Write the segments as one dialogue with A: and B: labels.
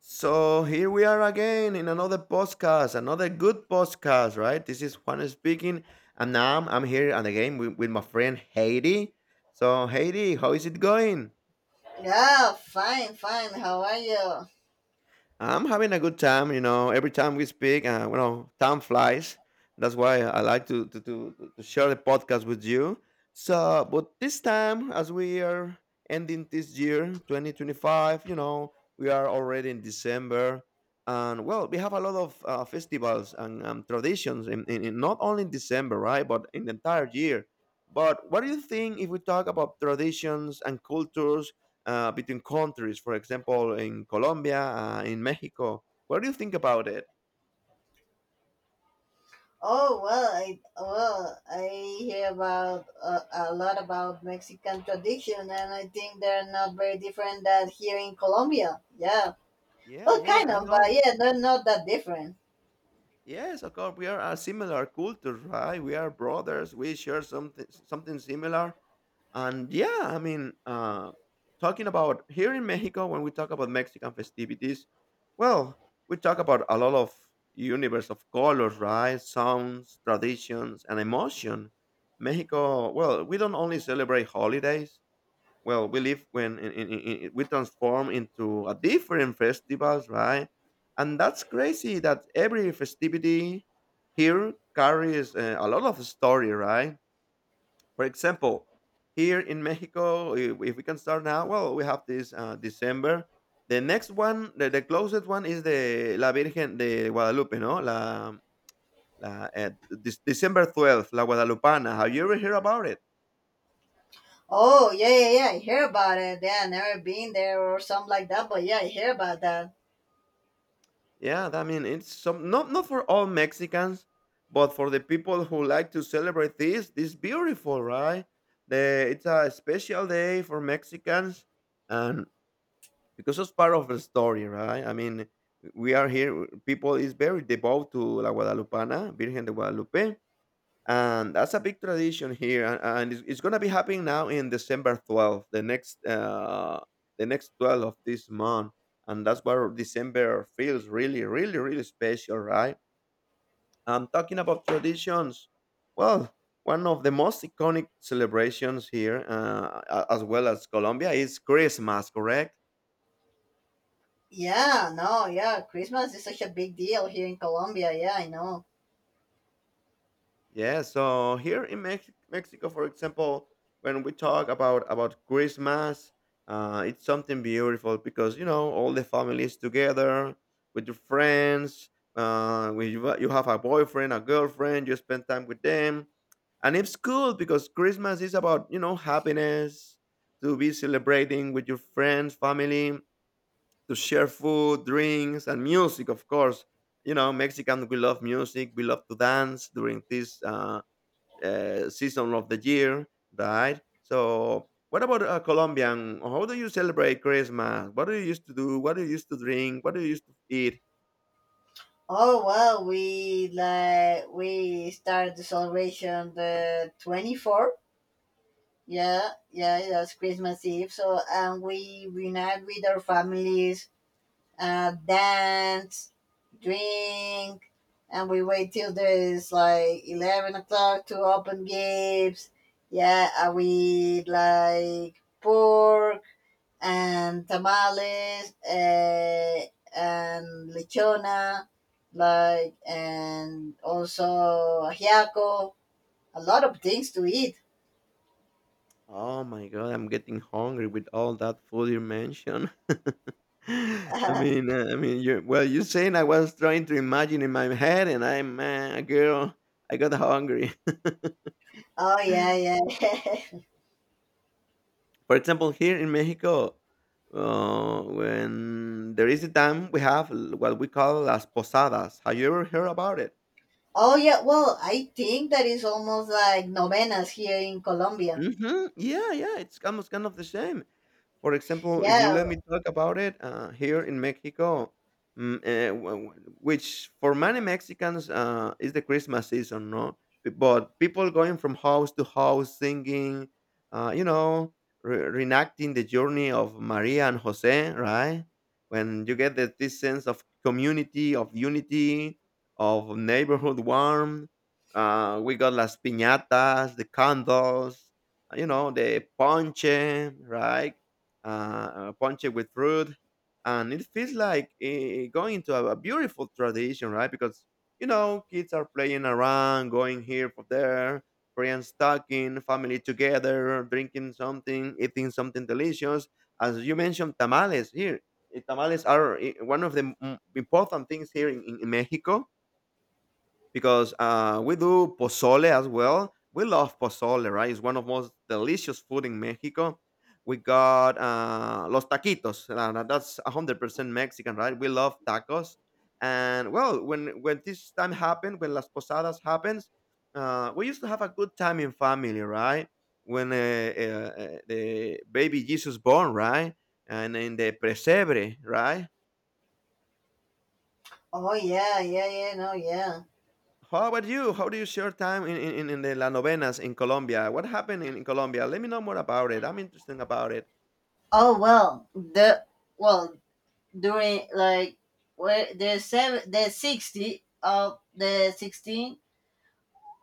A: So here we are again in another podcast, another good podcast, right? This is Juan speaking, and now I'm here and again with my friend Haiti. So Haiti, how is it going?
B: Yeah, fine, fine. How are you?
A: I'm having a good time, you know. Every time we speak, you know, time flies. That's why I like to share the podcast with you. So, but this time, as we are ending this year, 2025, you know, we are already in December, and well, we have a lot of festivals and traditions, in not only in December, right, but in the entire year. But what do you think if we talk about traditions and cultures between countries, for example, in Colombia, in Mexico. What do you think about it?
B: Oh well, I hear about a lot about Mexican tradition, and I think they're not very different than here in Colombia. Yeah,
A: Yeah,
B: well,
A: yeah,
B: kind
A: I
B: of,
A: know.
B: but yeah, they're not that different.
A: Yes, of course, we are a similar culture, right? We are brothers. We share something similar. And yeah, I mean, talking about here in Mexico, when we talk about Mexican festivities, well, we talk about a lot of universe of colors, right? Sounds, traditions, and emotion. Mexico, well, we don't only celebrate holidays. Well, we live when we transform into a different festivals, right? And that's crazy that every festivity here carries a lot of story, right? For example, here in Mexico, if we can start now, well, we have this December, the next one, the closest one is the La Virgen de Guadalupe. No la, la This December 12th, La Guadalupana. Have you ever heard about it?
B: Oh yeah, yeah, yeah. I hear about it. Yeah, I never been there or something like that, but yeah, I hear about that.
A: Yeah, I mean, it's some, not for all Mexicans, but for the people who like to celebrate this, this beautiful, right? The it's a special day for Mexicans, and because it's part of the story, right? I mean, we are here. People is very devout to La Guadalupana, Virgen de Guadalupe, and that's a big tradition here, and it's going to be happening now in December 12th, the next 12 of this month. And that's why December feels really really really special, right? I'm talking about traditions. Well, one of the most iconic celebrations here, as well as Colombia, is Christmas, correct?
B: Yeah, no, yeah. Christmas is such a big deal here in Colombia. Yeah, I know.
A: Yeah, so here in Mexico, for example, when we talk about Christmas, it's something beautiful because you know, all the families together with your friends. When you have a boyfriend, a girlfriend, you spend time with them, and it's cool because Christmas is about, you know, happiness, to be celebrating with your friends, family, to share food, drinks, and music, of course. You know, Mexican, we love music. We love to dance during this. Season of the year, right? So, what about Colombian? How do you celebrate Christmas? What do you used to do? What do you used to drink? What do you used to eat?
B: Oh well, we started the celebration the 24th. Yeah, yeah, that's Christmas Eve. So and we reunite with our families, dance, drink, and we wait till there's like 11 o'clock to open gifts. Yeah, and we like pork and tamales, and lechona, like and also ajiaco. A lot of things to eat.
A: Oh my God, I'm getting hungry with all that food you mentioned. I mean, you, well, you saying I was trying to imagine in my head, and I'm girl. I got hungry.
B: Oh yeah, yeah.
A: For example, here in Mexico, when there is a time, we have what we call las posadas. Have you ever heard about it?
B: Oh yeah. Well, I think that is almost like novenas here in Colombia.
A: Mhm. Yeah, yeah, it's almost kind of the same. For example, if you
B: Yeah.
A: let me talk about it, here in Mexico, mm, eh, wh- wh- which for many Mexicans is the Christmas season, no? But people going from house to house singing, you know, reenacting the journey of Maria and Jose, right? When you get that this sense of community, of unity, of neighborhood warmth. We got las piñatas, the candles, you know, the ponche, right? Ponche with fruit, and it feels like going into a beautiful tradition, right? Because you know, kids are playing around, going here for there, friends talking, family together, drinking something, eating something delicious. As you mentioned, tamales here. Tamales are one of the important things here in, in Mexico because we do pozole as well. We love pozole, right? It's one of most delicious food in Mexico. We got los taquitos. Uh, that's 100% Mexican, right? We love tacos. And well, when this time happened, when las posadas happens, we used to have a good time in family, right? When the baby Jesus born, right? And in the presebre, right?
B: Oh yeah, yeah, yeah. No, yeah.
A: How about you? How do you share time in the La Novenas in Colombia? What happened in Colombia? Let me know more about it. I'm interested about it.
B: Oh well, the well, during, like, where the seven, the 60, of the 16,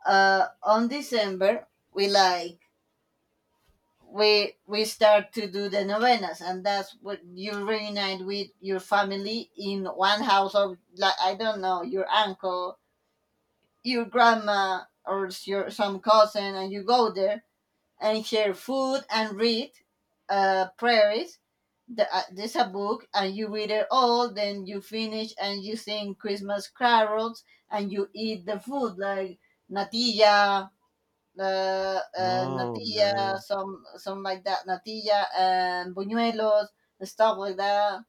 B: on December we like we start to do the novenas, and that's what you reunite with your family in one house of, like, I don't know, your uncle, your grandma, or your some cousin, and you go there and share food and read prayers. There's a book and you read it all, then you finish and you sing Christmas carols and you eat the food like natilla,
A: Oh
B: natilla,
A: man.
B: some like that, natilla and buñuelos and stuff like that.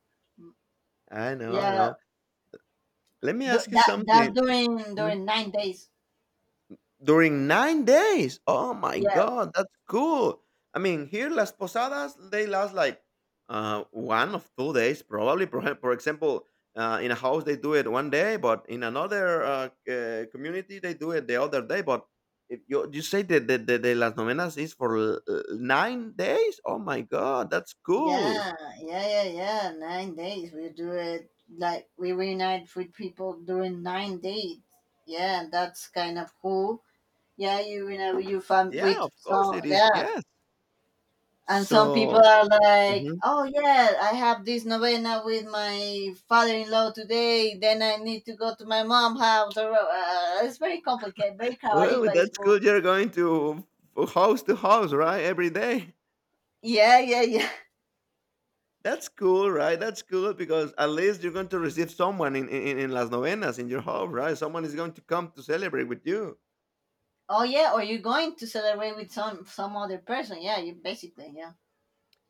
A: I know, I
B: Yeah,
A: know. Let me
B: du-
A: ask you
B: that
A: something.
B: That during 9 days.
A: During 9 days? Oh my
B: Yeah,
A: god, that's cool. I mean, here Las Posadas, they last like one of 2 days, probably. For example, in a house, they do it one day, but in another community, they do it the other day. But if you say that the Las Novenas is for 9 days? Oh my god, that's cool.
B: yeah, yeah, yeah, yeah. 9 days. We do it like we reunite with people during 9 days. Yeah, that's kind of cool. Yeah, you reunite with your fam
A: Yeah,
B: with
A: of course
B: some.
A: it is.
B: Yeah.
A: Yes.
B: And some
A: So,
B: people are like,
A: mhm,
B: oh, yeah, I have this novena with my father in law today. Then I need to go to my mom's house. Or, it's very complicated, very chaotic,
A: well,
B: but it's
A: that's
B: cool.
A: good. You're going to house, right? Every day.
B: Yeah, yeah, yeah.
A: That's cool, right? That's cool because at least you're going to receive someone in Las Novenas in your home, right? Someone is going to come to celebrate with you.
B: Oh, yeah. Or you're going to celebrate with some other person. Yeah, you basically, yeah.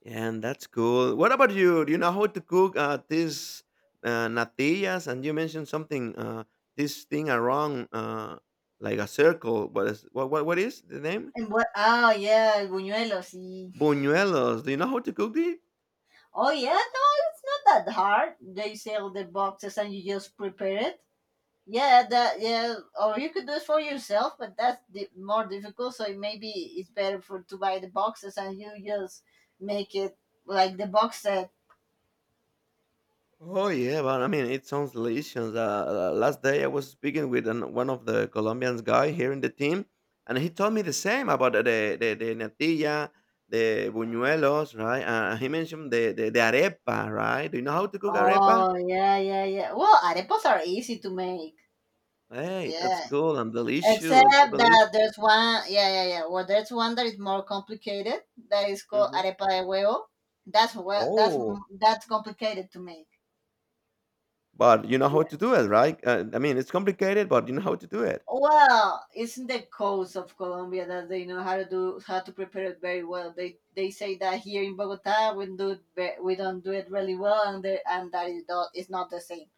A: And that's cool. What about you? Do you know how to cook these natillas? And you mentioned something, this thing around like a circle. What is what is the name?
B: And what? Oh, yeah, buñuelos.
A: Buñuelos. Do you know how to cook these?
B: Oh, yeah, no, it's not that hard. They sell the boxes and you just prepare it. Yeah, that, yeah, or you could do it for yourself, but that's more difficult. So maybe it's better for to buy the boxes and you just make it like the box set.
A: Oh yeah, but I mean, it sounds delicious. Last day I was speaking with an, one of the Colombians guy here in the team, and he told me the same about the natilla, the buñuelos, right? He mentioned the arepa, right? Do you know how to cook arepa?
B: Oh yeah, yeah, yeah. Well, arepas are easy to make.
A: Hey, that's
B: Yeah,
A: cool and
B: except
A: delicious. I believe.
B: that there's one. Yeah, yeah, yeah. Well, there's one that is more complicated. That is called
A: Mhm.
B: arepa de huevo. That's well, that's
A: Oh,
B: that's complicated to make.
A: but you know how to do it, right? I mean, it's complicated, but you know how to do it.
B: Well, isn't the coast of Colombia that they know how to do, how to prepare it very well? They say that here in Bogota we do it, we don't do it really well, and that is not the same.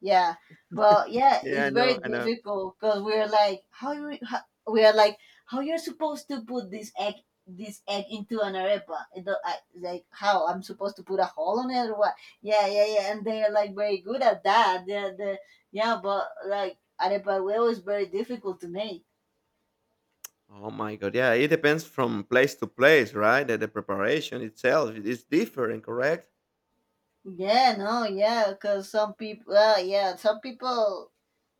B: Yeah. Well, yeah,
A: Yeah, I
B: it's
A: know,
B: very
A: I know.
B: difficult because we're like, how you, how, we're like, how you're supposed to put this egg into an arepa? I, like, how I'm supposed to put a hole on it or what? Yeah, yeah, yeah. And they're like very good at that. They're, they yeah, but like arepa, well, is very difficult to make.
A: Oh my god, yeah, it depends from place to place, right? That the preparation itself it is different, correct?
B: Yeah, no, yeah, because some people, yeah, some people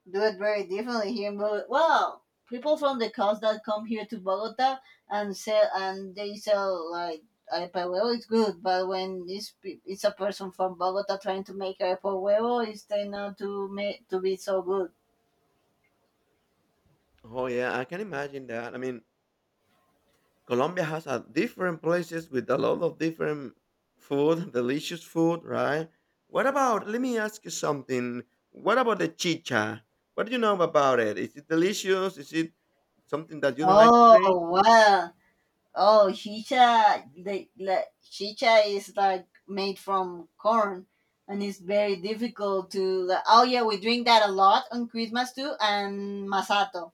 B: do it very differently here in Bogota. Well, people from the coast that come here to Bogota and sell and they sell, like, arepa huevo, it's good, but when it's, it's a person from Bogota trying to make arepa huevo, it's tend not to make to be so good.
A: Oh yeah, I can imagine that. I mean, Colombia has a different places with a lot of different food, delicious food, right? What about? Let me ask you something. What about the chicha? What do you know about it? Is it delicious? Is it something that you don't like to drink?
B: Oh wow! Oh chicha, chicha is like made from corn, and it's very difficult to. Like, oh yeah, we drink that a lot on Christmas too, and masato.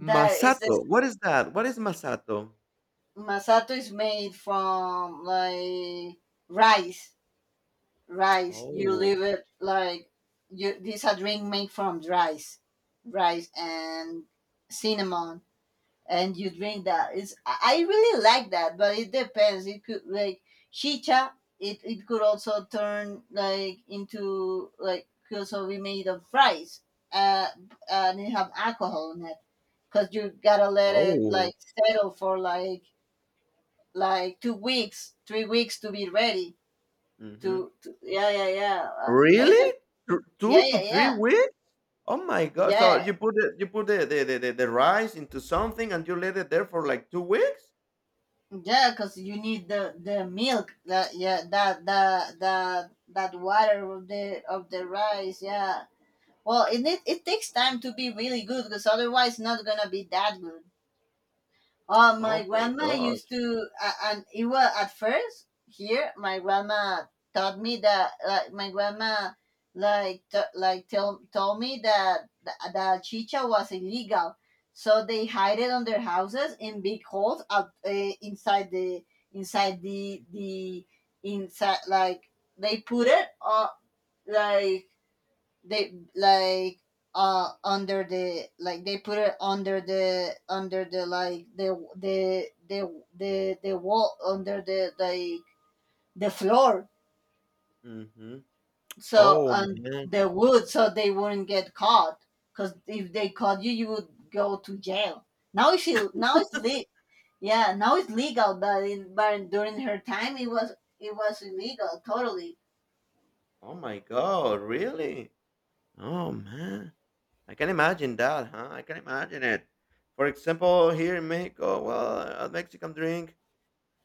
B: That is the
A: What is that? What is masato?
B: Masato is made from, like, rice. Rice. You
A: Oh,
B: leave it like, you, this a drink made from rice. Rice and cinnamon. And you drink that. It's I really like that, but it depends. It could, like, chicha, it could also turn, like, into, like, could also be made of rice. Uh, and it have alcohol in it. Cause you gotta let it
A: oh.
B: like settle for like 2 weeks, 3 weeks to be ready.
A: Mhm.
B: To yeah, yeah, yeah.
A: Really?
B: It's a-
A: Thr
B: yeah,
A: 2 to
B: yeah,
A: 3
B: yeah,
A: weeks? Oh my god. So
B: yeah,
A: you put it, you put the rice into something and you let it there for like 2 weeks?
B: yeah. Because you need the milk, that, yeah, that water of the rice. Yeah. Well, it takes time to be really good because otherwise not gonna be that good.
A: Oh
B: My
A: my
B: grandma used
A: gosh.
B: to, and it was at first here. My grandma taught me that, like my grandma, like t- like tell told me that that chicha was illegal, so they hide it on their houses in big holes out, inside the, inside the inside, like, they put it, like, they like, under the, like, they put it under the, like, the wall, under the, like, the floor,
A: Mhm.
B: so,
A: Oh
B: and
A: man.
B: the wood, so they wouldn't get caught, because if they caught you would go to jail now. If you, now it's, yeah, now it's legal, but in but during her time it was illegal totally.
A: Oh my god, really? Oh man. I can imagine that, huh? I can imagine it. For example, here in Mexico, well, a Mexican drink.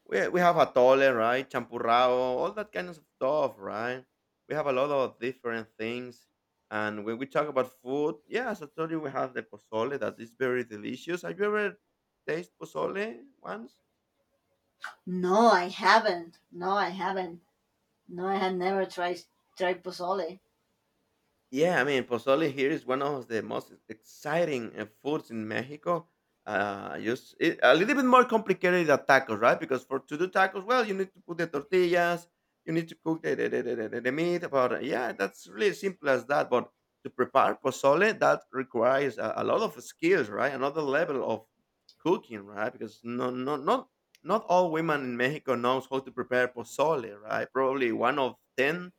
A: We have atole, right? Champurrado, all that kind of stuff, right? We have a lot of different things. And when we talk about food, yes, I told you we have the pozole that is very delicious. Have you ever tasted pozole once?
B: No, I haven't. No, I haven't. No, I have never tried pozole.
A: Yeah, I mean, pozole here is one of the most exciting foods in Mexico. Just it, a little bit more complicated than tacos, right? Because for to do tacos, well, you need to put the tortillas, you need to cook the meat. But yeah, that's really simple as that. But to prepare pozole, that requires a lot of skills, right? Another level of cooking, right? Because no, no, not all women in Mexico knows how to prepare pozole, right? Probably one of ten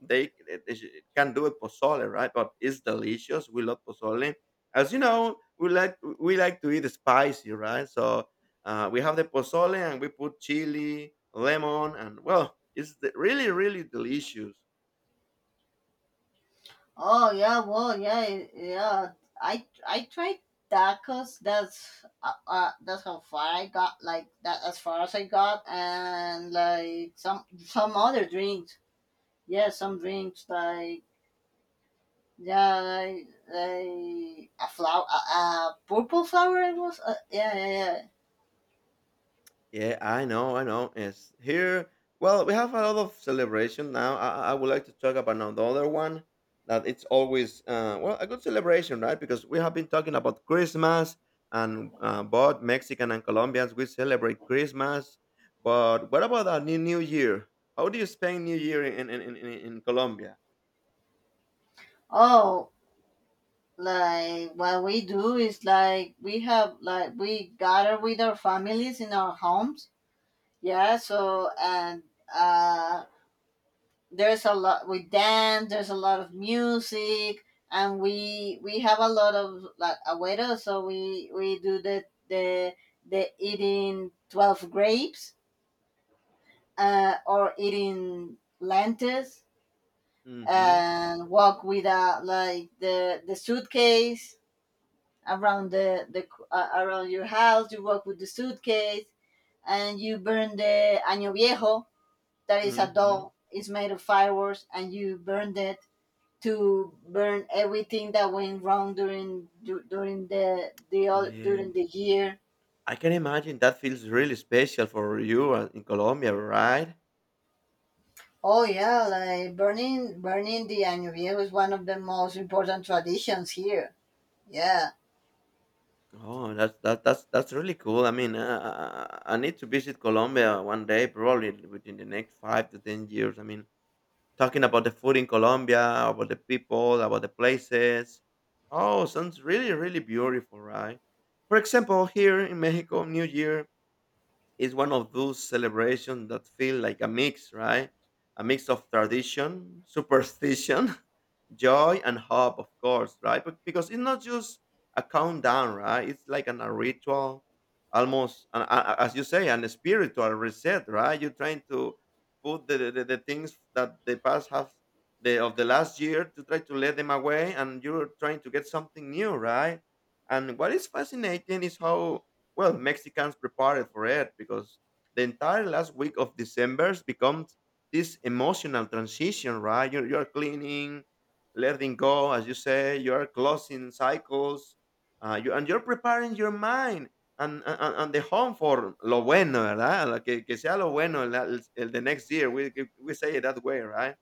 A: they can do it pozole, right? But it's delicious. We love pozole. As you know, we like to eat spicy, right? So we have the pozole and we put chili, lemon, and well, it's really really delicious.
B: Oh yeah, well, yeah, yeah. I tried that, 'cause that's how far I got. Like that, as far as I got, and, like, some other drinks. Yeah, some drinks, like, yeah, like a flower, a purple flower. It was, yeah, yeah, yeah.
A: Yeah, I know, I know. It's here. Well, we have a lot of celebration now. I would like to talk about another one that it's always well a good celebration, right? Because we have been talking about Christmas and both Mexican and Colombians we celebrate Christmas. But what about our new New Year? How do you spend New Year in Colombia?
B: Oh, like, what we do is, like, we gather with our families in our homes. Yeah, so and uh there's a lot, we dance, there's a lot of music, and we have a lot of, like, agüero, so we do the the eating 12 grapes, or eating lentils,
A: Mm-hmm.
B: and walk with, a like the suitcase, around, the around your house. You walk with the suitcase and you burn the año viejo, that is a
A: Mm-hmm.
B: doll, it's made of fireworks, and you burn it to burn everything that went wrong during, during the all during the year.
A: I can imagine that feels really special for you in Colombia, right?
B: Oh yeah, like burning the año viejo is one of the most important traditions here. Yeah.
A: Oh, that's that's really cool. I mean, I need to visit Colombia one day, probably within the next 5 to 10 years. I mean, talking about the food in Colombia, about the people, about the places. Oh, sounds really beautiful, right? For example, here in Mexico, New Year is one of those celebrations that feel like a mix, right? A mix of tradition, superstition, joy and hope, of course, right? But because it's not just a countdown, right, it's like a ritual, almost as you say, an spiritual reset, right? You're trying to put the things that the past have, the of the last year, to try to let them away, and you're trying to get something new, right? And what is fascinating is how well Mexicans prepared for it, because the entire last week of December becomes this emotional transition, right? You're cleaning, letting go, as you say, you are closing cycles, you, and you're preparing your mind and the home for lo bueno, ¿verdad? Lo que, que sea lo bueno the next year. We say it that way, right?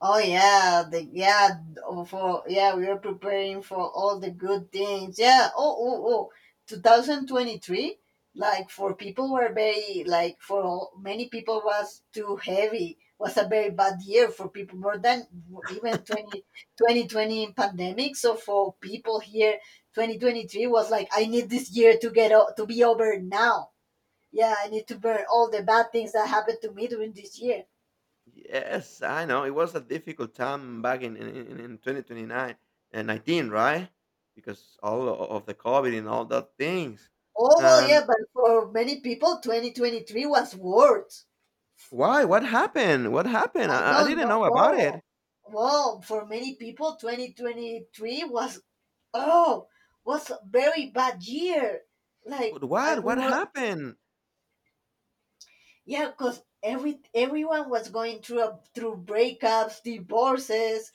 B: Oh yeah, the, yeah, oh, for, yeah, we are preparing for all the good things. Yeah. Oh, oh, oh. 2023, like, for people were very, like, for all, many people was too heavy, was a very bad year for people, more than even twenty twenty pandemic. So for people here, 2023 was like, I need this year to, to be over now. Yeah, I need to burn all the bad things that happened to me during this year.
A: Yes, I know. It was a difficult time back in 2029 and 19, right? Because all o- of the COVID and all that things.
B: Oh, well,
A: And
B: yeah, but for many people, 2023 was worse.
A: why? What happened? What happened?
B: I
A: I
B: don't
A: didn't
B: know.
A: know about it.
B: Well, for many people, 2023 was, oh, was a very bad year. Like,
A: But
B: I,
A: what? What happened?
B: yeah, because everyone was going through, through breakups, divorces.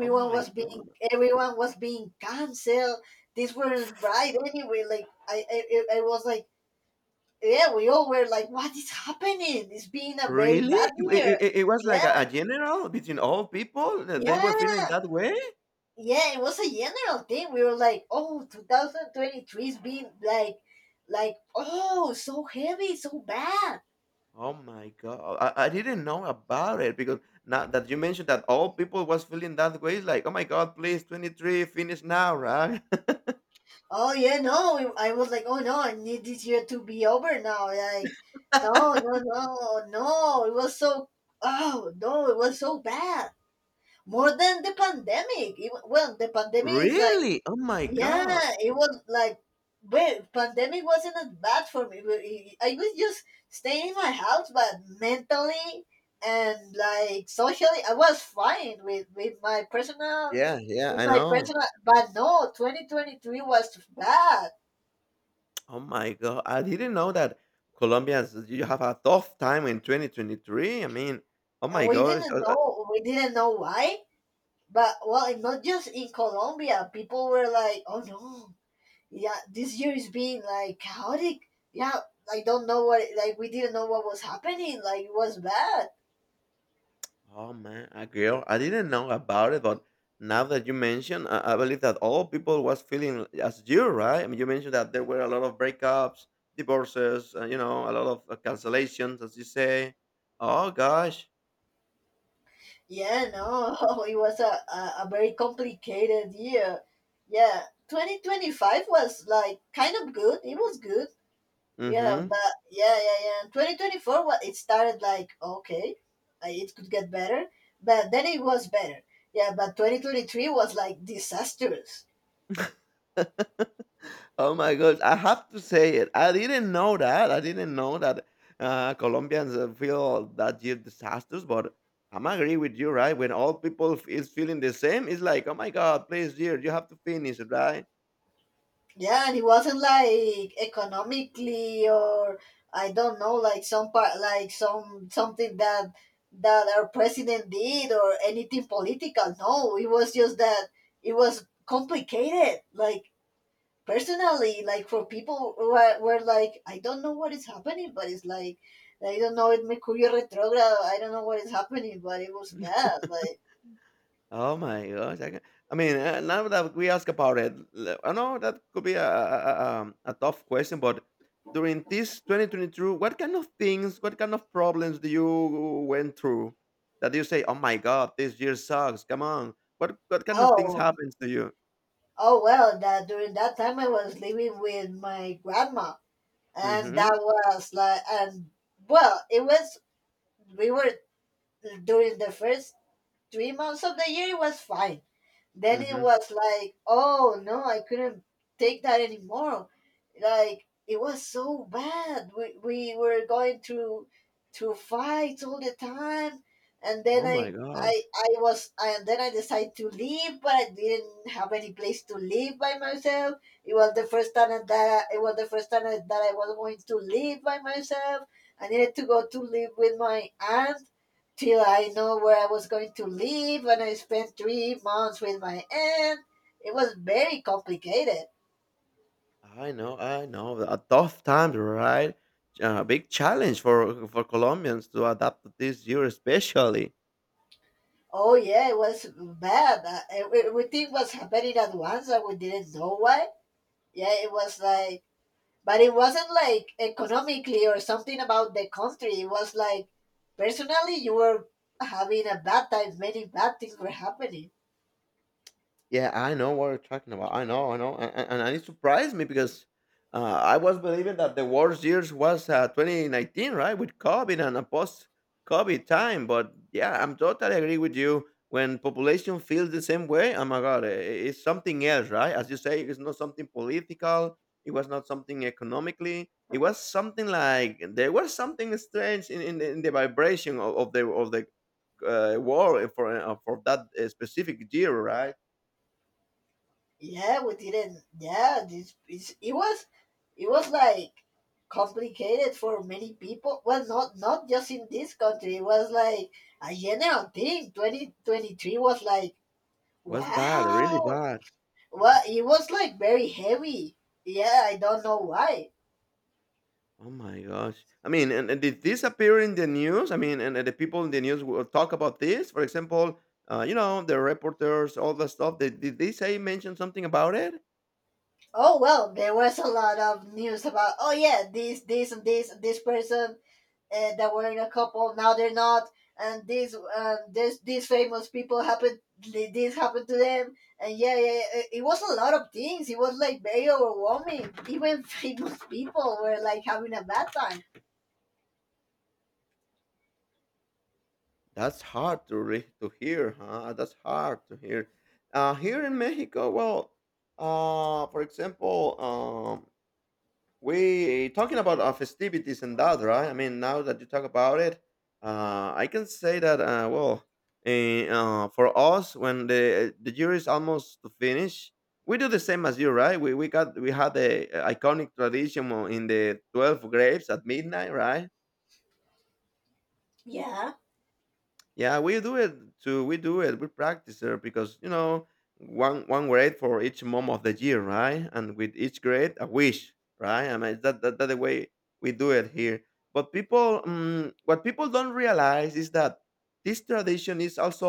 A: Oh my.
B: Everyone was being canceled. These weren't right anyway. Like, I was like, yeah, we all were like, what is happening? It's been a very
A: Really?
B: bad
A: It,
B: year.
A: it, it it was like
B: Yeah,
A: a general between all people that they were feeling
B: yeah,
A: that way?
B: yeah. It was a general thing. We were like, oh, 2023 is being like, oh, so heavy, so bad.
A: Oh my god. I didn't know about it because now that you mentioned that all people was feeling that way, it's like, oh my god, please 23, finish now, right?
B: Oh yeah, no. I was like, oh no, I need this year to be over now. Like, no, no, no, no. It was so, oh no, it was so bad. More than the pandemic. Even, well, the pandemic is like.
A: Really? Oh my
B: Yeah,
A: god.
B: it was like, wait, pandemic wasn't as bad for me, but I was just staying in my house, but mentally and, like, socially, I was fine with with my personal,
A: Yeah, yeah,
B: with
A: I
B: my
A: know.
B: personal. But no, 2023 was bad,
A: Oh my god. I didn't know that Colombians you have a tough time in 2023. I mean, oh
B: and
A: my gosh.
B: we didn't know why. But well, and not just in Colombia, people were like, "Oh no, yeah, this year is being, like, chaotic, yeah, I don't know what, like, we didn't know what was happening, like, it was bad,
A: Oh man, I girl, I didn't know about it, but now that you mention, I believe that all people was feeling as you, right? I mean, you mentioned that there were a lot of breakups, divorces, you know, a lot of cancellations, as you say. Oh gosh.
B: yeah, no." It was a very complicated year. Yeah, 2025 was, like, kind of good. It was good. Yeah,
A: Mm-hmm.
B: but yeah, yeah, yeah, 2024, what, it started, like, okay, it could get better, but then it was better. Yeah, but 2023 was, like, disastrous.
A: Oh my gosh, I have to say it. I didn't know that. I didn't know that Colombians feel that year disasters, but I'm agree with you, right? When all people f- is feeling the same, it's like, oh my God, please, dear, you have to finish, right?
B: Yeah, and it wasn't, like, economically or, I don't know, like, some part, like, something that our president did or anything political. No, it was just that it was complicated. Like, personally, like, for people who were like, I don't know what is happening, but it's like, I don't know, it Mercurio retrograde. I don't know what is happening, but it was bad. Like,
A: Oh my gosh, I ca. I mean, now that we ask about it, l I know that could be a a tough question, but during this 2022, what kind of things, what kind of problems do you went through that you say, "Oh my God, this year sucks. Come on." What kind of things
B: oh.
A: happens to you?
B: Oh well, that during that time I was living with my grandma, and that
A: Mhm,
B: was like, and well, it was we were. During the first 3 months of the year it was fine. Then it
A: mhm.
B: was like, oh no, I couldn't take that anymore. Like, it was so bad. We were going through fights all the time. and then
A: Oh my
B: i i
A: gosh.
B: i was and then I decided to leave, but I didn't have any place to live by myself. It was the first time that I was going to live by myself. I needed to go to live with my aunt till I know where I was going to live, and I spent 3 months with my aunt. It was very complicated.
A: I know, I know. A tough time, right? A big challenge for Colombians to adapt to this year especially.
B: Oh yeah, it was bad. Everything was happening at once, and we didn't know why. Yeah, but it wasn't like economically or something about the country. It was like, personally, you were having a bad time. Many bad things were happening.
A: Yeah, I know what you're talking about. I know, and it surprised me because I was believing that the worst years was 2019, right, with COVID and a post-COVID time. But yeah, I'm totally agree with you. When population feels the same way, oh my God, it's something else, right? As you say, it's not something political. It was not something economically. It was something like there was something strange in, in the vibration of the war for that specific year, right?
B: Yeah, we didn't. Yeah, this it's, it was like complicated for many people. Well, not just in this country. It was like a general thing. 2023 was like
A: Was bad, really
B: wow.
A: bad.
B: Well, it was like very heavy. Yeah, I don't know why.
A: Oh my gosh. I mean, and did this appear in the news? I mean, and the people in the news will talk about this. For example, you know, the reporters, all the stuff. They, did they say mention something about it?
B: Oh well, there was a lot of news about, oh yeah, this and this and this person that were in a couple, now they're not. And these this these famous people, this happened to them. And yeah, yeah, yeah, it was a lot of things. It was like very overwhelming. Even famous people were like having a bad time.
A: That's hard to re- to hear, huh? That's hard to hear. Here in Mexico, well, for example, we talking about festivities and that, right? I mean, now that you talk about it, I can say that well, for us, when the year is almost to finish, we do the same as you, right? We got we had the iconic tradition, well, in the 12 graves at midnight, right?
B: Yeah.
A: Yeah, we do it too. We do it. We practice there because, you know, one grade for each month of the year, right? And with each grade, a wish, right? I mean that that, that the way we do it here. But people, what people don't realize is that this tradition is also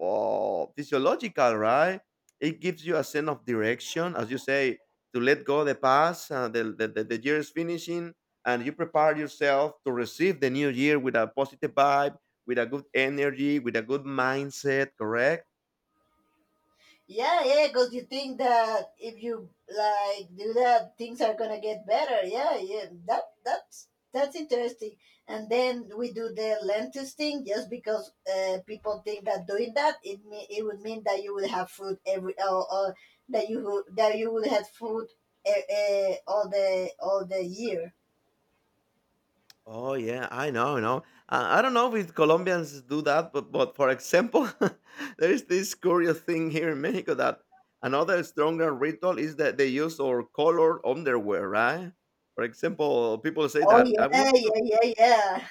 A: physiological, right? It gives you a sense of direction, as you say, to let go the past. The year is finishing, and you prepare yourself to receive the new year with a positive vibe, with a good energy, with a good mindset, correct?
B: Yeah, yeah, because you think that if you like do that, things are gonna get better. Yeah, yeah, that's interesting. And then we do the lentils thing just because people think that doing that it would mean that you would have food every, or, that that you would have food uh, all the year.
A: Oh yeah, I know, you know. I don't know if Colombians do that, but for example, there is this curious thing here in Mexico that another stronger ritual is that they use or colored underwear, right? For example, people say
B: Oh
A: that I want
B: yeah,
A: to.
B: yeah, yeah,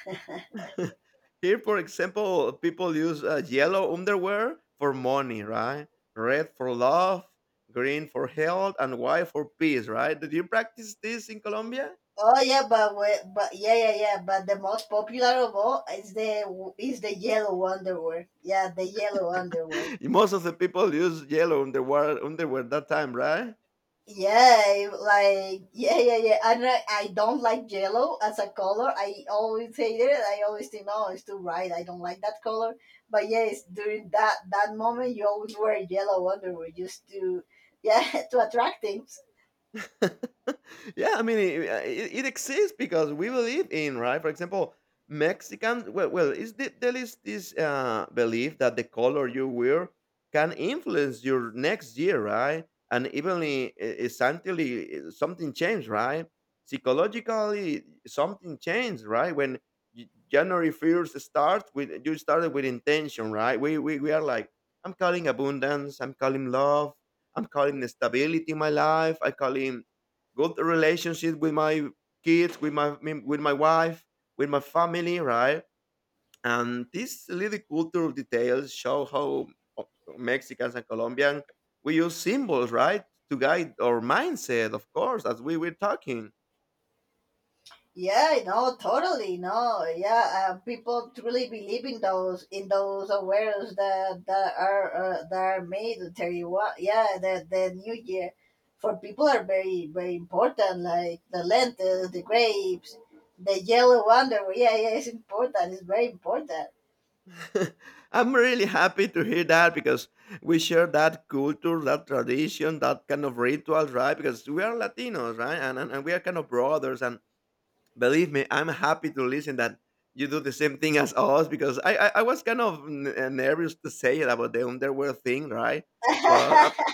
B: yeah.
A: Here, for example, people use yellow underwear for money, right? Red for love, green for health, and white for peace, right? Did you practice this in Colombia?
B: Oh yeah, but but yeah, yeah, yeah. But the most popular of all is the yellow underwear. Yeah, the yellow underwear.
A: Most of the people use yellow underwear that time, right?
B: Yeah, like yeah, yeah, yeah. I don't like yellow as a color. I always hate it. I always think, oh, it's too bright. I don't like that color. But yes, during that that moment, you always wear yellow underwear just to, yeah, to attract things.
A: Yeah, I mean, it exists because we believe in, right? For example, Mexicans, well, well is the, there is this belief that the color you wear can influence your next year, right? And even essentially, something changed, right? Psychologically, something changed, right? When January 1st starts, with you started with intention, right? We are like, I'm calling abundance, I'm calling love, I'm calling the stability in my life. I call him good relationship with my kids, with my wife, with my family, right? And these little cultural details show how uh, Mexicans and Colombians we use symbols, right, to guide our mindset. Of course, as we were talking,
B: Yeah, no, totally, no, yeah. People truly believe in those awares that that are made. To tell you what, yeah, the New Year for people are very very important. Like the lentils, the grapes, the yellow underwear. Yeah, yeah, it's important. It's very important.
A: I'm really happy to hear that because we share that culture, that tradition, that kind of rituals, right? Because we are Latinos, right, and we are kind of brothers and believe me, I'm happy to listen that you do the same thing as us because I was kind of nervous to say it about the underwear thing, right? But i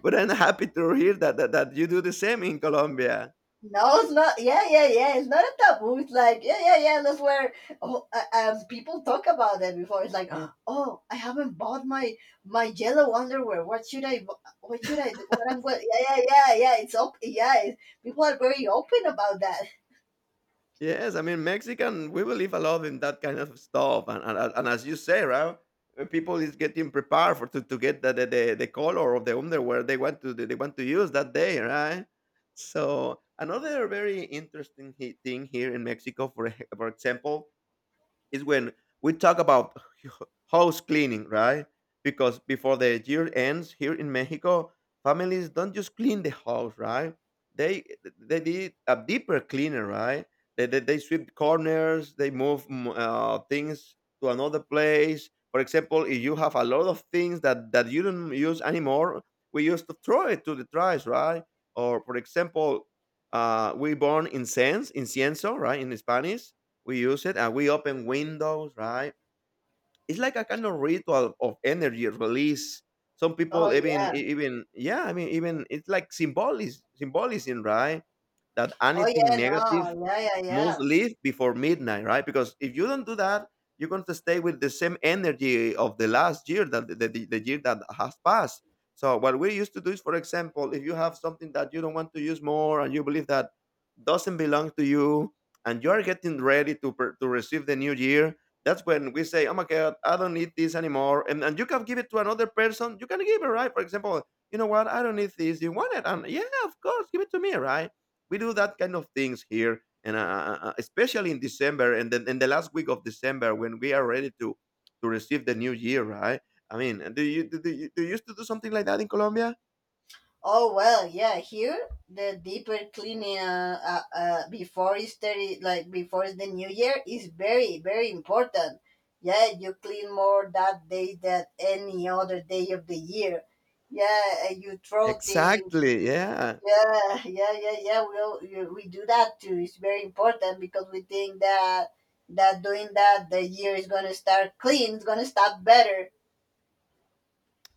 A: but I'm happy to hear that, that that you do the same in Colombia.
B: No, it's not. Yeah, yeah, yeah. It's not a taboo. It's like, yeah, yeah, yeah. That's where, oh, people talk about it before. It's like, oh, I haven't bought my yellow underwear. What should I? What should I do? What I'm going? Yeah, yeah, yeah, yeah. It's up. Yeah, it, people are very open about that.
A: Yes, I mean Mexican, we believe a lot in that kind of stuff, and as you say, right? Uh, people is getting prepared for to get the color of the underwear they want to use that day, right? So another very interesting thing here in Mexico, for for example, is when we talk about house cleaning, right? Because before the year ends here in Mexico, families don't just clean the house, right? They they did a deeper cleaner, right? They sweep corners, they move things to another place. For example, if you have a lot of things that, that you don't use anymore, we used to throw it to the trash, right? Or for example, we burn incense, incienso, right, in Spanish. We use it and we open windows, right? It's like a kind of ritual of energy release. Some
B: Oh
A: people even
B: yeah.
A: e- even yeah, I mean even it's like symbolism, symbolism, right? That
B: Oh
A: anything
B: yeah.
A: negative
B: No. Yeah, yeah,
A: most
B: yeah.
A: leave before midnight, right? Because if you don't do that, you're going to stay with the same energy of the last year, that the, the year that has passed. So what we used to do is, for example, if you have something that you don't want to use more and you believe that doesn't belong to you, and you are getting ready to to receive the new year, that's when we say, "Oh my God, I don't need this anymore." And you can give it to another person. You can give it, right? For example, you know what? I don't need this. You want it? And yeah, of course, give it to me, right? We do that kind of things here and especially in December and then in the last week of December when we are ready to receive the new year, right? I mean, do you do, do you used to do something like that in Colombia?
B: Oh well, yeah. Here, the deeper cleaning before Easter, like before the New Year, is very very important. Yeah, you clean more that day than any other day of the year. Yeah, you throw things.
A: Exactly. Yeah.
B: Yeah, yeah, yeah, yeah. We all, we do that too. It's very important because we think that doing that the year is gonna start clean. It's gonna start better.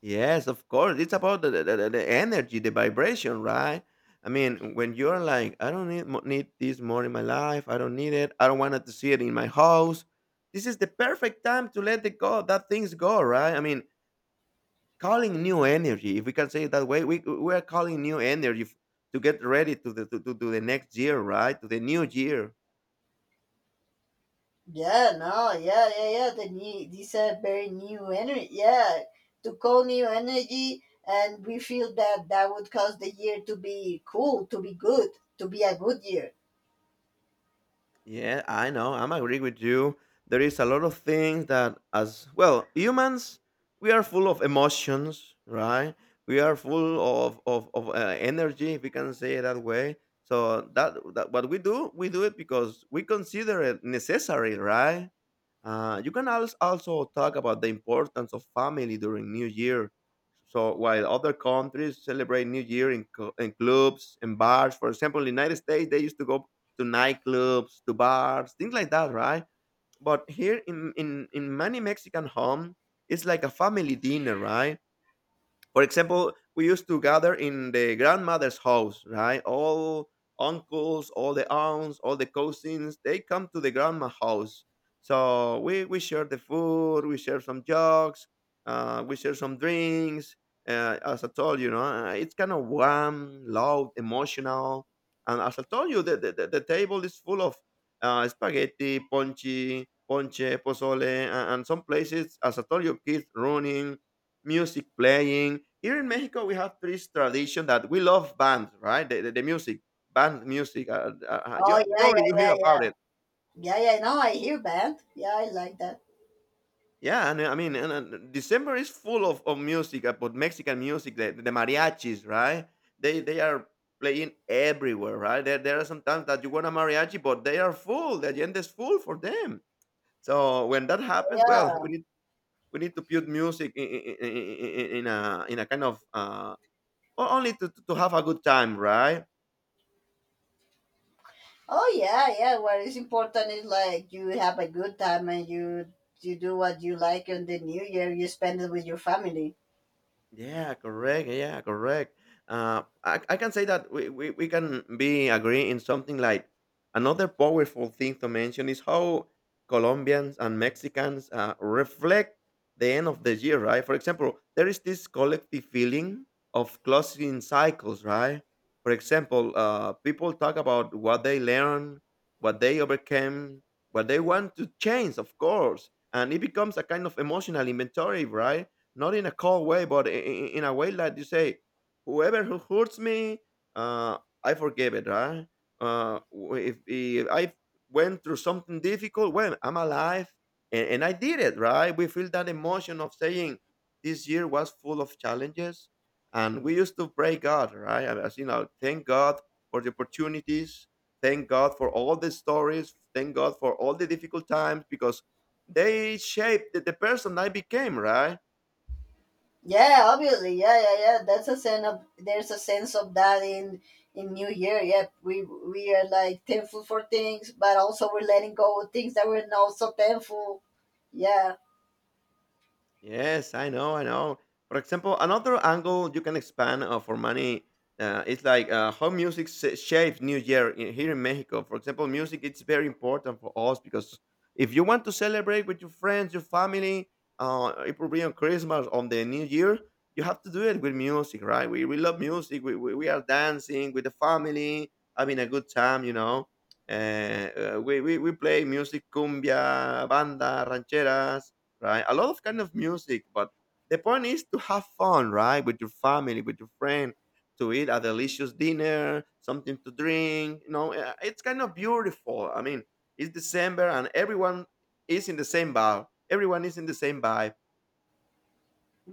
A: Yes, of course. It's about the, the energy, the vibration, right? I mean, when you're like, I don't need need this more in my life. I don't need it. I don't want to see it in my house. This is the perfect time to let it go. That things go, right? I mean, calling new energy, if we can say it that way, we are calling new energy to get ready to the next year, right? To the new year.
B: Yeah, no, yeah, yeah, yeah. The new, these are very new energy. Yeah, to call new energy, and we feel that that would cause the year to be cool, to be good, to be a good year.
A: Yeah, I know, I'm agree with you. There is a lot of things that as well humans, we are full of emotions, right? We are full of energy, if we can say it that way. So that what we do it because we consider it necessary, right? You can also talk about the importance of family during New Year. So while other countries celebrate New Year in clubs and bars, for example, in the United States, they used to go to nightclubs, to bars, things like that, right? But here in many Mexican homes, it's like a family dinner, right? For example, we used to gather in the grandmother's house, right? All uncles, all the aunts, all the cousins, they come to the grandma house. So we share the food, we share some jokes, we share some drinks. As I told you, it's kind of warm, loud, emotional. And as I told you, the table is full of spaghetti, ponche, pozole, and some places, as I told you, kids running, music playing. Here in Mexico, we have this tradition that we love bands, right? The music, band music. You,
B: Oh yeah, yeah,
A: probably you hear
B: yeah, yeah,
A: about it.
B: yeah, yeah. No, I hear band. Yeah, I like that.
A: Yeah, and I mean, and December is full of music, but Mexican music, the mariachis, right? They are playing everywhere, right? There are some times that you want a mariachi, but they are full. The agenda is full for them. So when that happens, well,
B: Yeah.
A: we need to put music in a kind of only to have a good time, right?
B: Oh yeah, yeah. What is important is like you have a good time and you do what you like on the new year. You spend it with your family.
A: Yeah, correct. Yeah, correct. I can say that we can be agree in something like another powerful thing to mention is how Colombians and Mexicans reflect the end of the year, right? For example, there is this collective feeling of closing cycles, right? For example, people talk about what they learned, what they overcame, what they want to change, of course, and it becomes a kind of emotional inventory, right? Not in a cold way, but in a way like you say, whoever who hurts me, uh, I forgive it, right? If I went through something difficult, well, I'm alive and I did it, right? We feel that emotion of saying this year was full of challenges, and we used to pray God, right? And as you know, thank God for the opportunities, thank God for all the stories, thank God for all the difficult times because they shaped the person I became, right?
B: Yeah, obviously. Yeah, yeah, yeah. That's a sense of there's a sense of that in New Year. Yeah, we are like thankful for things, but also we're letting go of things that we're not so thankful. Yeah.
A: Yes, I know, I know. For example, another angle you can expand for money is like how music shapes New Year here in Mexico. For example, music it's very important for us because if you want to celebrate with your friends, your family, it will be on Christmas, on the New Year, you have to do it with music, right? We love music. We are dancing with the family, having a good time. We play music, cumbia, banda, rancheras, right? A lot of kind of music, but the point is to have fun, right? With your family, with your friend, to eat a delicious dinner, something to drink. You know, it's kind of beautiful. I mean, it's December and everyone is in the same bar. Everyone is in the same vibe.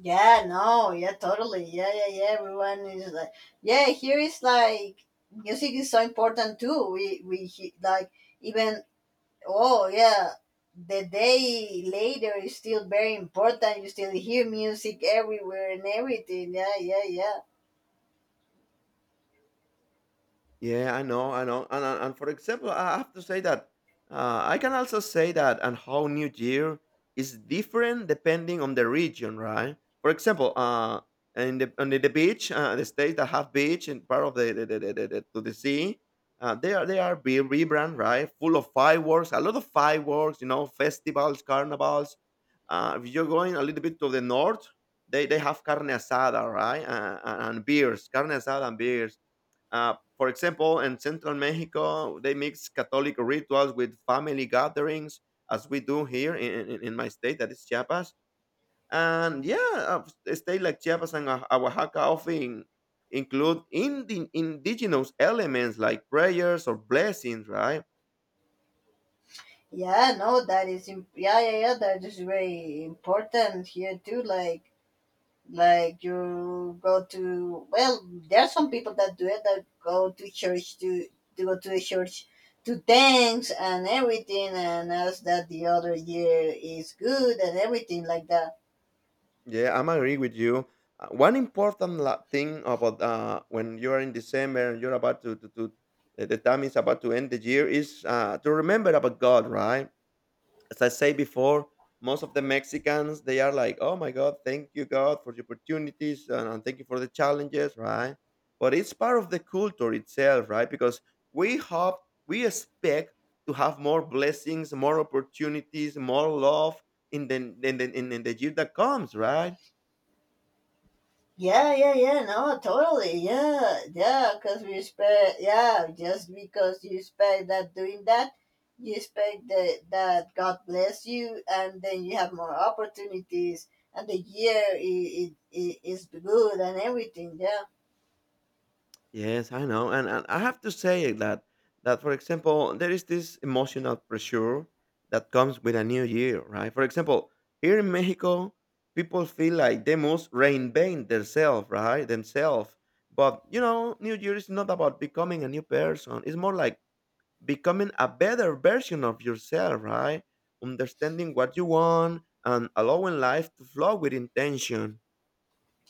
B: Yeah, no, yeah, totally. Yeah, yeah, yeah. Everyone is like, yeah, here is like, music is so important too. Like even, oh yeah, the day later is still very important. You still hear music everywhere and everything. Yeah, yeah, yeah.
A: Yeah, I know, I know. And for example, I have to say that I can also say that and how New Year is different depending on the region, right? For example, in the on the, the beach, the states that have beach and part of to the sea, they are be rebrand, right? Full of fireworks, a lot of fireworks, festivals, carnivals. If you're going a little bit to the north, they have carne asada, right? And beers, carne asada and beers, for example, in central Mexico, they mix Catholic rituals with family gatherings, as we do here in my state, that is Chiapas. And yeah, a state like Chiapas and Oaxaca often include indigenous elements like prayers or blessings, right?
B: Yeah, no, that is yeah, yeah, yeah. That is very important here too. Like, you go to, well, there are some people that do it that go to church to go to the church to thanks and everything, and ask that the other year is good and everything like that.
A: Yeah, I'm agree with you. One important thing about when you are in December and you're about to the time is about to end the year is to remember about God, right? As I say before, most of the Mexicans they are like, "Oh my God, thank you God for the opportunities and thank you for the challenges," right? But it's part of the culture itself, right? Because we hope, we expect to have more blessings, more opportunities, more love in the in the year that comes, right?
B: Yeah, yeah, yeah, no, totally, yeah, yeah, because we expect, yeah, just because you expect that doing that, you expect that God bless you, and then you have more opportunities, and the year is, good and everything, yeah.
A: Yes, I know, and I have to say that for example, there is this emotional pressure that comes with a new year, right? For example, here in Mexico, people feel like they must reinvent themselves, right? Themselves. But you know, New Year is not about becoming a new person. It's more like becoming a better version of yourself, right? Understanding what you want and allowing life to flow with intention.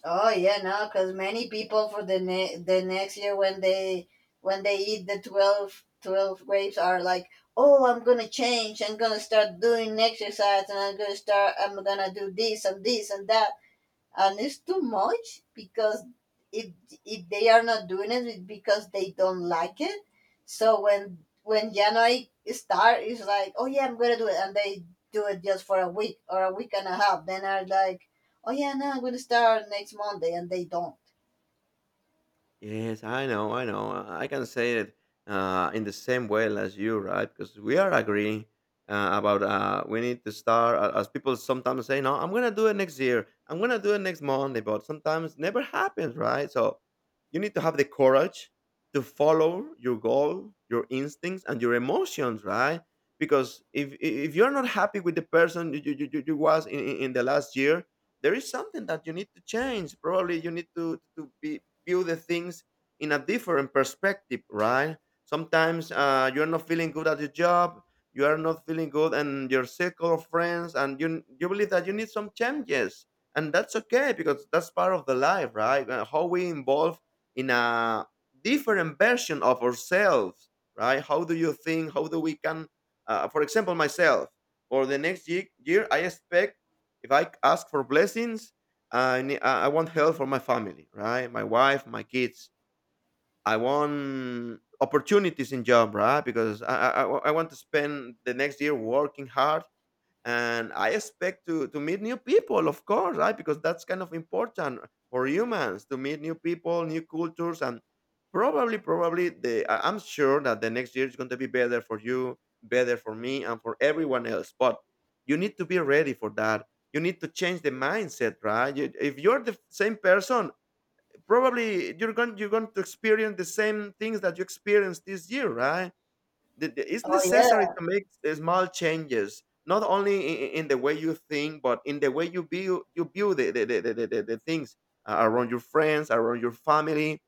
B: Oh yeah, no, because many people for the the next year, when they eat the twelve grapes are like, oh, I'm gonna change. I'm gonna start doing exercise, and I'm gonna start. I'm gonna do this and this and that, and it's too much because if if they are not doing it, it's because they don't like it. So when January start, it's like, oh yeah, I'm gonna do it. And they do it just for a week or a week and a half, then are like, oh yeah, no, I'm gonna start next Monday, and they don't.
A: Yes, I know, I know. I can say it in the same way as you, right? Because we are agreeing about we need to start, as people sometimes say, "No, I'm going to do it next year. I'm going to do it next Monday," but sometimes never happens, right? So you need to have the courage to follow your goal, your instincts, and your emotions, right? Because if you're not happy with the person you was in the last year, there is something that you need to change. Probably you need to be view the things in a different perspective, right? Sometimes you're not feeling good at your job, you are not feeling good and your circle of friends, and you believe that you need some changes, and that's okay because that's part of the life, right? How we involve in a different version of ourselves, right? How do you think, how do we can, for example myself, for the next year, I expect, if I ask for blessings, I ne- I want health for my family, right? My wife, my kids. I want opportunities in job, right? Because I want to spend the next year working hard, and I expect to meet new people, of course, right? Because that's kind of important for humans to meet new people, new cultures, and probably I'm sure that the next year is going to be better for you, better for me and for everyone else. But you need to be ready for that, you need to change the mindset, right? If you're the same person, probably you're going to experience the same things that you experienced this year, right? It's
B: Oh
A: necessary
B: yeah.
A: to make small changes, not only in the way you think, but in the way you build the things, around your friends, around your family.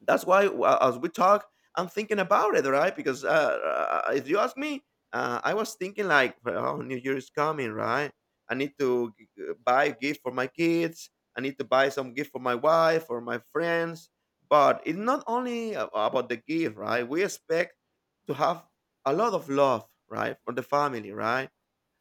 A: That's why, as we talk, I'm thinking about it, right? Because if you ask me, I was thinking like, "Oh, New Year is coming, right? I need to buy a gift for my kids. I need to buy some gift for my wife or my friends." But it's not only about the gift, right? We expect to have a lot of love, right, for the family, right?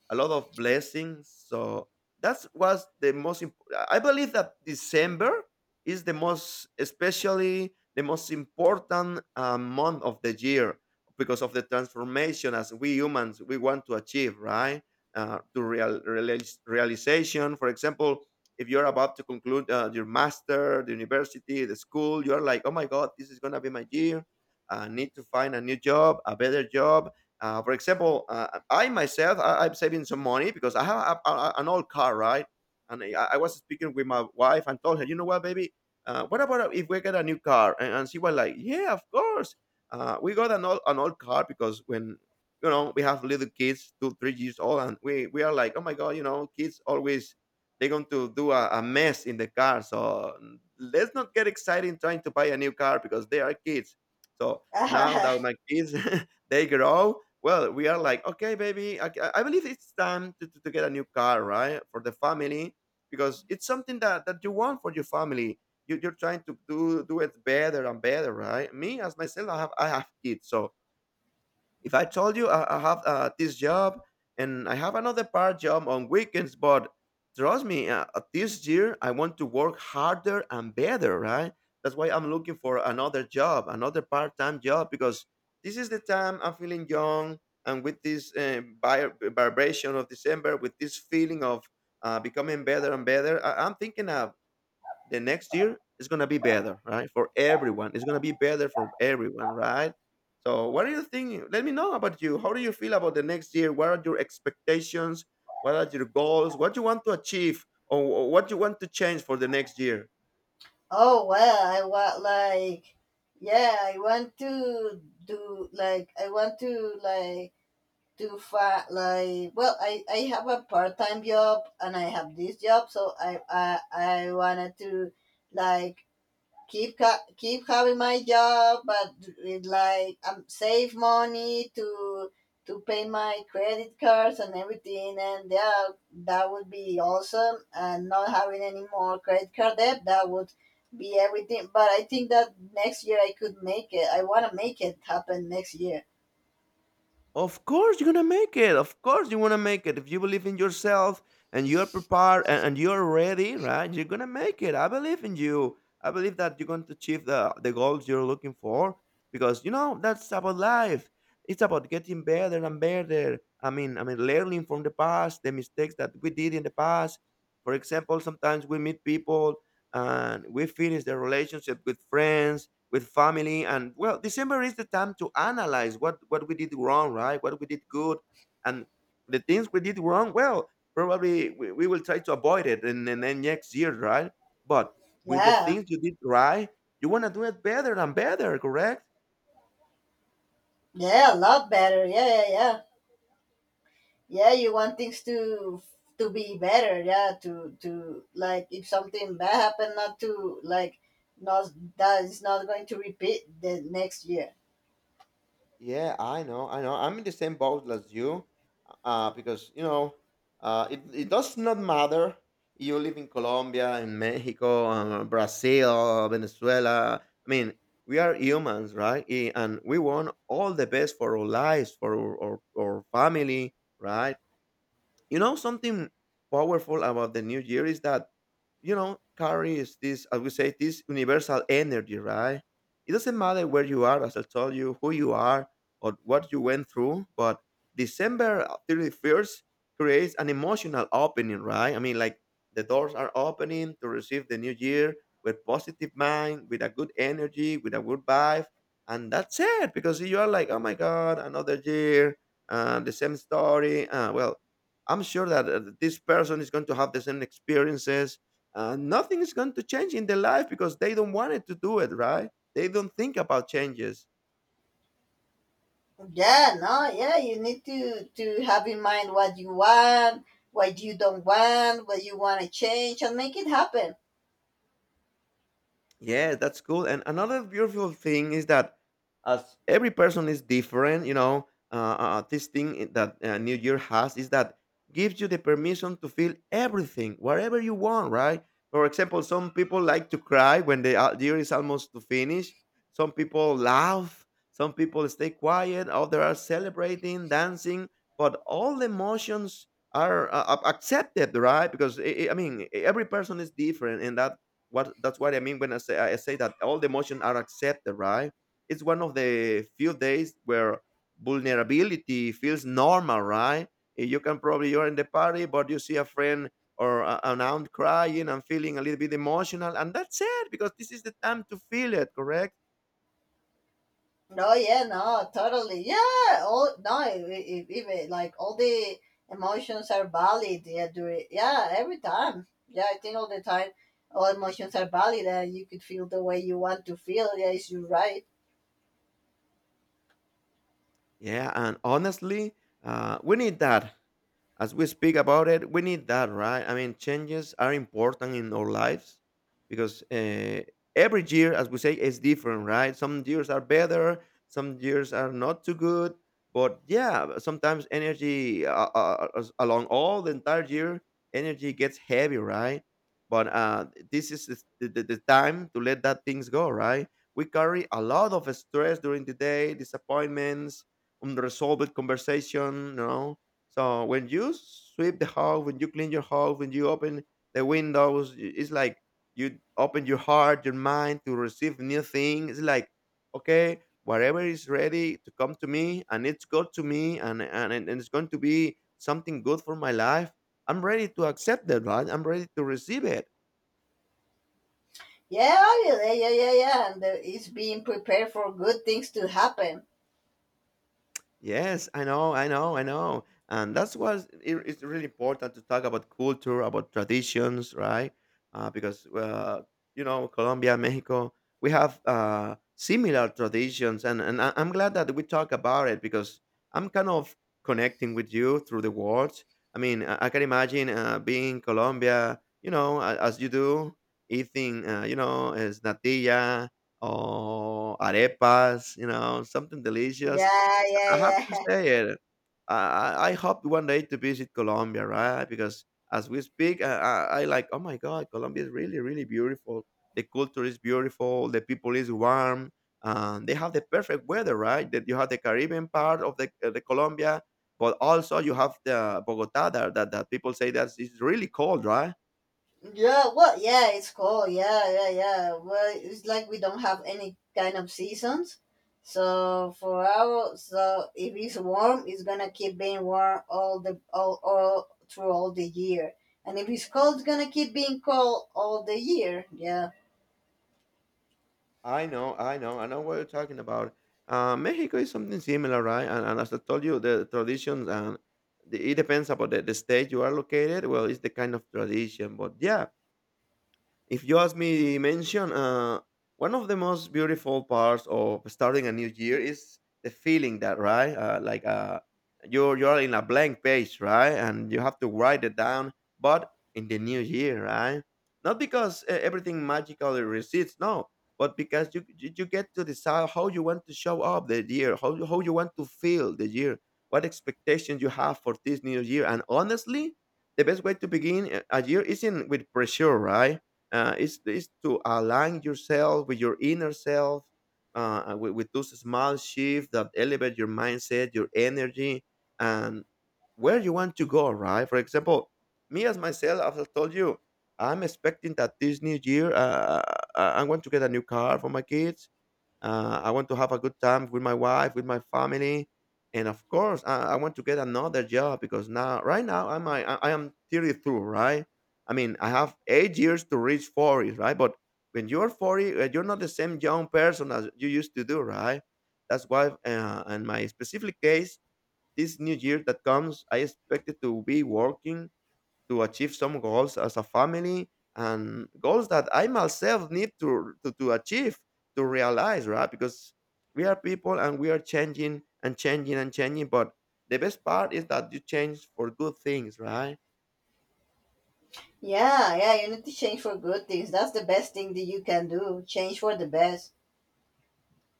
A: A lot of blessings. So that was the most. I believe that December is the most, especially the most important month of the year because of the transformation as we humans we want to achieve, right? To realization, for example, if you're about to conclude your master, the university, the school, you're like, "Oh my God, this is gonna be my year. I need to find a new job, a better job." For example, I myself, I'm saving some money because I have an old car, right? And I was speaking with my wife and told her, "You know what, baby, what about if we get a new car?" And she was like, yeah, of course. We got an old car because when we have little kids, two, three years old, and we are like, oh my God, you know, kids always they're going to do a mess in the car. So let's not get excited trying to buy a new car because they are kids. So now that my kids, they grow well, we are like, okay, baby, I believe it's time to, to get a new car, right, for the family, because it's something that you want for your family. You're trying to do do it better and better, right? Me as myself, I have kids, so if I told you I have this job and I have another part job on weekends, but trust me, this year I want to work harder and better, right? That's why I'm looking for another job, another part time job, because this is the time I'm feeling young. And with this vibration of December, with this feeling of becoming better and better, I'm thinking of the next year is going to be better, right? For everyone, it's going to be better for everyone, right? So, what are you thinking? Let me know about you. How do you feel about the next year? What are your expectations? What are your goals? What you want to achieve, or what you want to change for the next year?
B: Oh well, I want like, yeah, I want to do like, I want to like, to find like, well, I have a part-time job and I have this job, so I wanted to like keep keep having my job, but with like, save money to pay my credit cards and everything. And yeah, that would be awesome. And not having any more credit card debt, that would be everything. But I think that next year I could make it. I want to make it happen next year.
A: Of course you're gonna make it. Of course you wanna make it. If you believe in yourself and you're prepared and you're ready, right? You're gonna make it. I believe in you. I believe that you're going to achieve the goals you're looking for. Because you know, that's about life. It's about getting better and better. I mean learning from the past, the mistakes that we did in the past. For example, sometimes we meet people and we finish the relationship with friends with family. And well, December is the time to analyze what we did wrong, right, what we did good. And the things we did wrong, well, probably we will try to avoid it and then next year, right? But with the
B: Yeah.
A: things you did right, you want to do it better and better, correct?
B: Yeah, a lot better. Yeah, yeah, yeah. Yeah, you want things to be better. Yeah, to like, if something bad happened, not to like, not, that is not going to repeat the next year.
A: Yeah, I know, I know. I'm in the same boat as you, because you know, it it does not matter. You live in Colombia, in Mexico, Brazil, Venezuela. I mean, we are humans, right? And we want all the best for our lives, for our, our family, right? You know, something powerful about the new year is that, you know, carries this, I would say, this universal energy, right? It doesn't matter where you are, as I told you, who you are, or what you went through, but December 31st creates an emotional opening, right? I mean, like the doors are opening to receive the new year with positive mind, with a good energy, with a good vibe. And that's it, because you are like, oh my God, another year, the same story. Well, I'm sure that this person is going to have the same experiences. Nothing is going to change in their life because they don't want it to do it, right? They don't think about changes.
B: Yeah, no, yeah, you need to have in mind what you want, what you don't want, what you want to change, and make it happen.
A: Yeah, that's cool. And another beautiful thing is that as every person is different, you know, this that New Year has is that gives you the permission to feel everything, whatever you want, right? For example, some people like to cry when the year is almost to finish. Some people laugh. Some people stay quiet. Others are celebrating, dancing. But all the emotions are accepted, right? Because I mean, every person is different, and that what that's what I mean when I say that all the emotions are accepted, right? It's one of the few days where vulnerability feels normal, right? You can probably you're in the party, but you see a friend or an aunt crying and feeling a little bit emotional, and that's it because this is the time to feel it, correct?
B: No, yeah, no, totally. Yeah, all, no, if, even like all the emotions are valid. Yeah, do it. Yeah, every time. Yeah, I think all the time, all emotions are valid, and you could feel the way you want to feel. Yeah, is you right?
A: Yeah, and honestly, we need that as we speak about it, we need that, right? I mean, changes are important in our lives because every year, as we say, is different, right? Some years are better, some years are not too good. But yeah, sometimes energy as- along all the entire year, energy gets heavy, right? But this is the, the the time to let that things go, right? We carry a lot of stress during the day, disappointments, unresolved conversation, you know, so when you sweep the house, when you clean your house, when you open the windows, it's like you open your heart, your mind to receive new things. It's like, okay, whatever is ready to come to me and it's good to me and, and it's going to be something good for my life, I'm ready to accept that, right? I'm ready to receive it.
B: Yeah, yeah, yeah, yeah, yeah. And the, it's being prepared for good things to happen.
A: Yes, I know, I know. And that's why it's really important to talk about culture, about traditions, right? Because, you know, Colombia, Mexico, we have similar traditions. And I'm glad that we talk about it because I'm kind of connecting with you through the words. I mean, I can imagine being in Colombia, you know, as you do, eating, you know, as natilla or arepas, you know, something delicious.
B: Yeah, yeah,
A: I have to
B: yeah.
A: say it. I hope one day to visit Colombia, right? Because as we speak, I like. Oh my God, Colombia is really really beautiful. The culture is beautiful. The people is warm. They have the perfect weather, right? That you have the Caribbean part of the Colombia, but also you have the Bogota that that people say that it's really cold, right?
B: Yeah, well, yeah, it's cold. Yeah, yeah, yeah. Well, it's like we don't have any kind of seasons. So for our, so if it's warm, it's gonna keep being warm all through all the year. And if it's cold, it's gonna keep being cold all the year. Yeah,
A: I know, I know what you're talking about. Mexico is something similar, right? And as I told you, the traditions and the, it depends about the state you are located. Well, it's the kind of tradition, but yeah, if you ask me, mention one of the most beautiful parts of starting a new year is the feeling that right, you're in a blank page, right, and you have to write it down, but in the new year, right? Not because everything magically recedes, no, but because you, you get to decide how you want to show up the year, how you want to feel the year, what expectations you have for this new year, and honestly, the best way to begin a year isn't with pressure, right? It's to align yourself with your inner self, with those small shifts that elevate your mindset, your energy, and where you want to go, right? For example, me as myself, I've told you, I'm expecting that this new year, I want to get a new car for my kids. I want to have a good time with my wife, with my family, and of course, I want to get another job because now, right now, I am 32, right? I mean, I have eight years to reach 40, right? But when you're 40, you're not the same young person as you used to do, right? That's why, in my specific case, this new year that comes, I expected to be working to achieve some goals as a family and goals that I myself need to, to achieve, to realize, right? Because we are people and we are changing and changing and changing. But the best part is that you change for good things, right?
B: yeah, yeah. You need to change for good things. That's the best thing that you can do. Change for the best.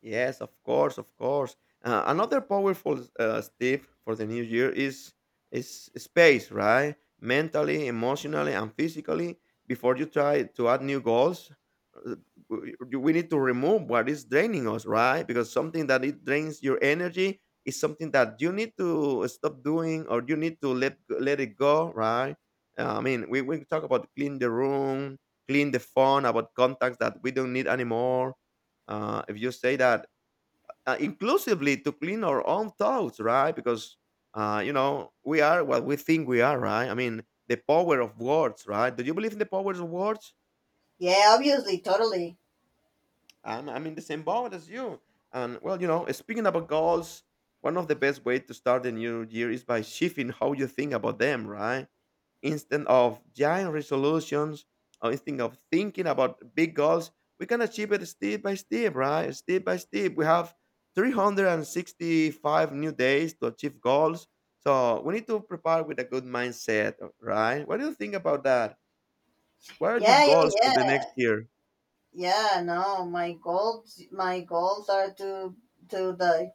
A: Yes, of course, of course. Another powerful tip for the new year is space, right? Mentally, emotionally, and physically. Before you try to add new goals, uh, we need to remove what is draining us, right? Because something that it drains your energy is something that you need to stop doing, or you need to let it go, right? I mean, we talk about clean the room, clean the phone, about contacts that we don't need anymore. If you say that inclusively to clean our own thoughts, right? Because you know we are what we think we are, right? I mean, the power of words, right? Do you believe in the powers of words?
B: Yeah, obviously, totally.
A: I'm in the same boat as you. And well, you know, speaking about goals, one of the best ways to start the new year is by shifting how you think about them, right? Instead of giant resolutions, or instead of thinking about big goals, we can achieve it step by step, right? Step by step. We have 365 new days to achieve goals. So we need to prepare with a good mindset, right? What do you think about that? What are your
B: Yeah, yeah,
A: goals for
B: yeah,
A: the next year?
B: yeah. No, my goals are to, the.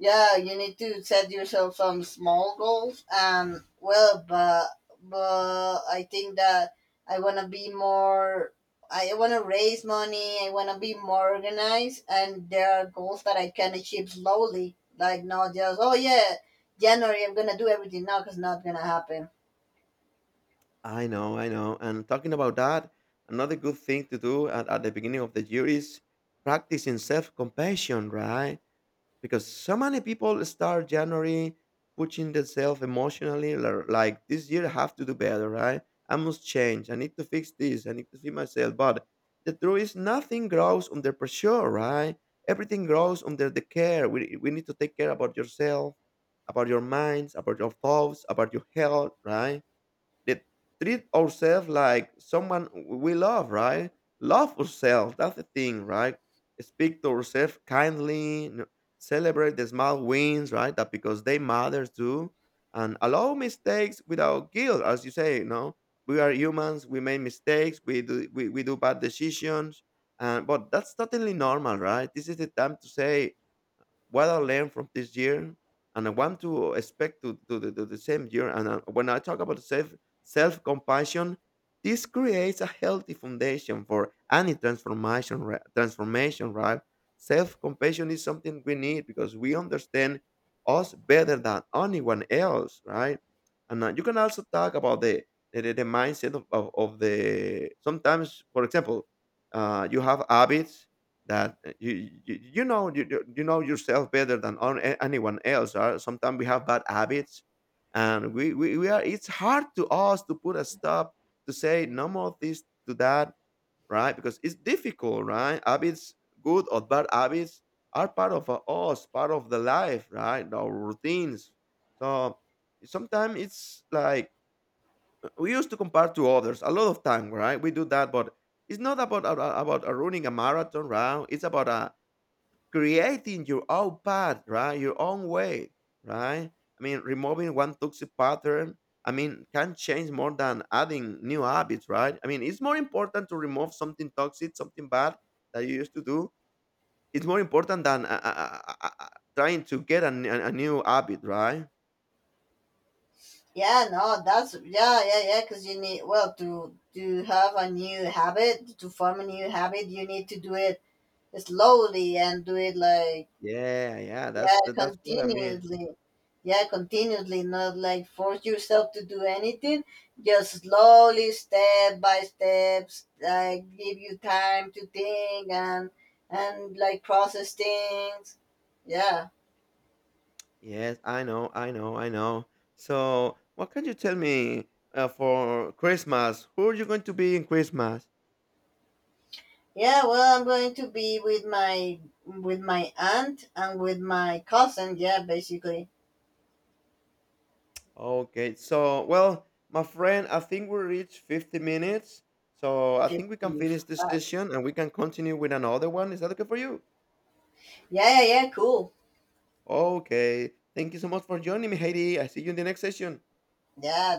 B: Yeah, you need to set yourself some small goals. And well, but I think that I wanna be more. I wanna raise money. I wanna be more organized, and there are goals that I can achieve slowly. Like, not just, oh yeah, January I'm gonna do everything now, because not gonna happen.
A: I know, I know. And talking about that, another good thing to do at the beginning of the year is practicing self compassion, right? Because so many people start January pushing themselves emotionally, like this year I have to do better, right? I must change. I need to fix this. I need to see myself. But the truth is, nothing grows under pressure, right? Everything grows under the care. We need to take care about yourself, about your minds, about your thoughts, about your health, right? That treat ourselves like someone we love, right? Love ourselves. That's the thing, right? Speak to ourselves kindly. Celebrate the small wins, right? That because they matter too. And allow mistakes without guilt, as you say. No, we are humans. We make mistakes. We do bad decisions. And but that's totally normal, right? This is the time to say what I learned from this year, and I want to expect to do to the same year. And when I talk about self compassion, this creates a healthy foundation for any transformation. Transformation, right? Self compassion is something we need because we understand us better than anyone else, right? And you can also talk about the mindset of the sometimes, for example, you have habits that you know you know yourself better than anyone else. Sometimes we have bad habits and we are it's hard to us to put a stop to say no more of this to that, right? Because it's difficult, right? Habits, good or bad habits, are part of us, part of the life, right? Our routines. So sometimes it's like we used to compare to others a lot of time, right? We do that, but it's not about running a marathon, right? It's about a creating your own path, right? Your own way, right? I mean, removing one toxic pattern, I mean, can change more than adding new habits, right? I mean, it's more important to remove something toxic, something bad that you used to do. It's more important than trying to get a new habit, right?
B: Yeah, no, that's, yeah, yeah, yeah. Because you need, well, to have a new habit, to form a new habit. You need to do it slowly and do it like.
A: Yeah, yeah,
B: Yeah,
A: that's what I mean.
B: continuously. Yeah, continuously, not like force yourself to do anything. Just slowly, step by steps, like give you time to think and like process things. Yeah.
A: Yes, I know, I know, I know. So, what can you tell me for Christmas? Who are you going to be in Christmas?
B: Yeah, well, I'm going to be with my aunt and with my cousin. Yeah, basically.
A: Okay, so well, my friend, I think we reached 50 minutes. So I think we can finish this
B: 55.
A: session and we can continue with another one. Is that okay for you?
B: Yeah, yeah, yeah, cool.
A: Okay. Thank you so much for joining me, Heidi. I see you in the next session.
B: Yeah,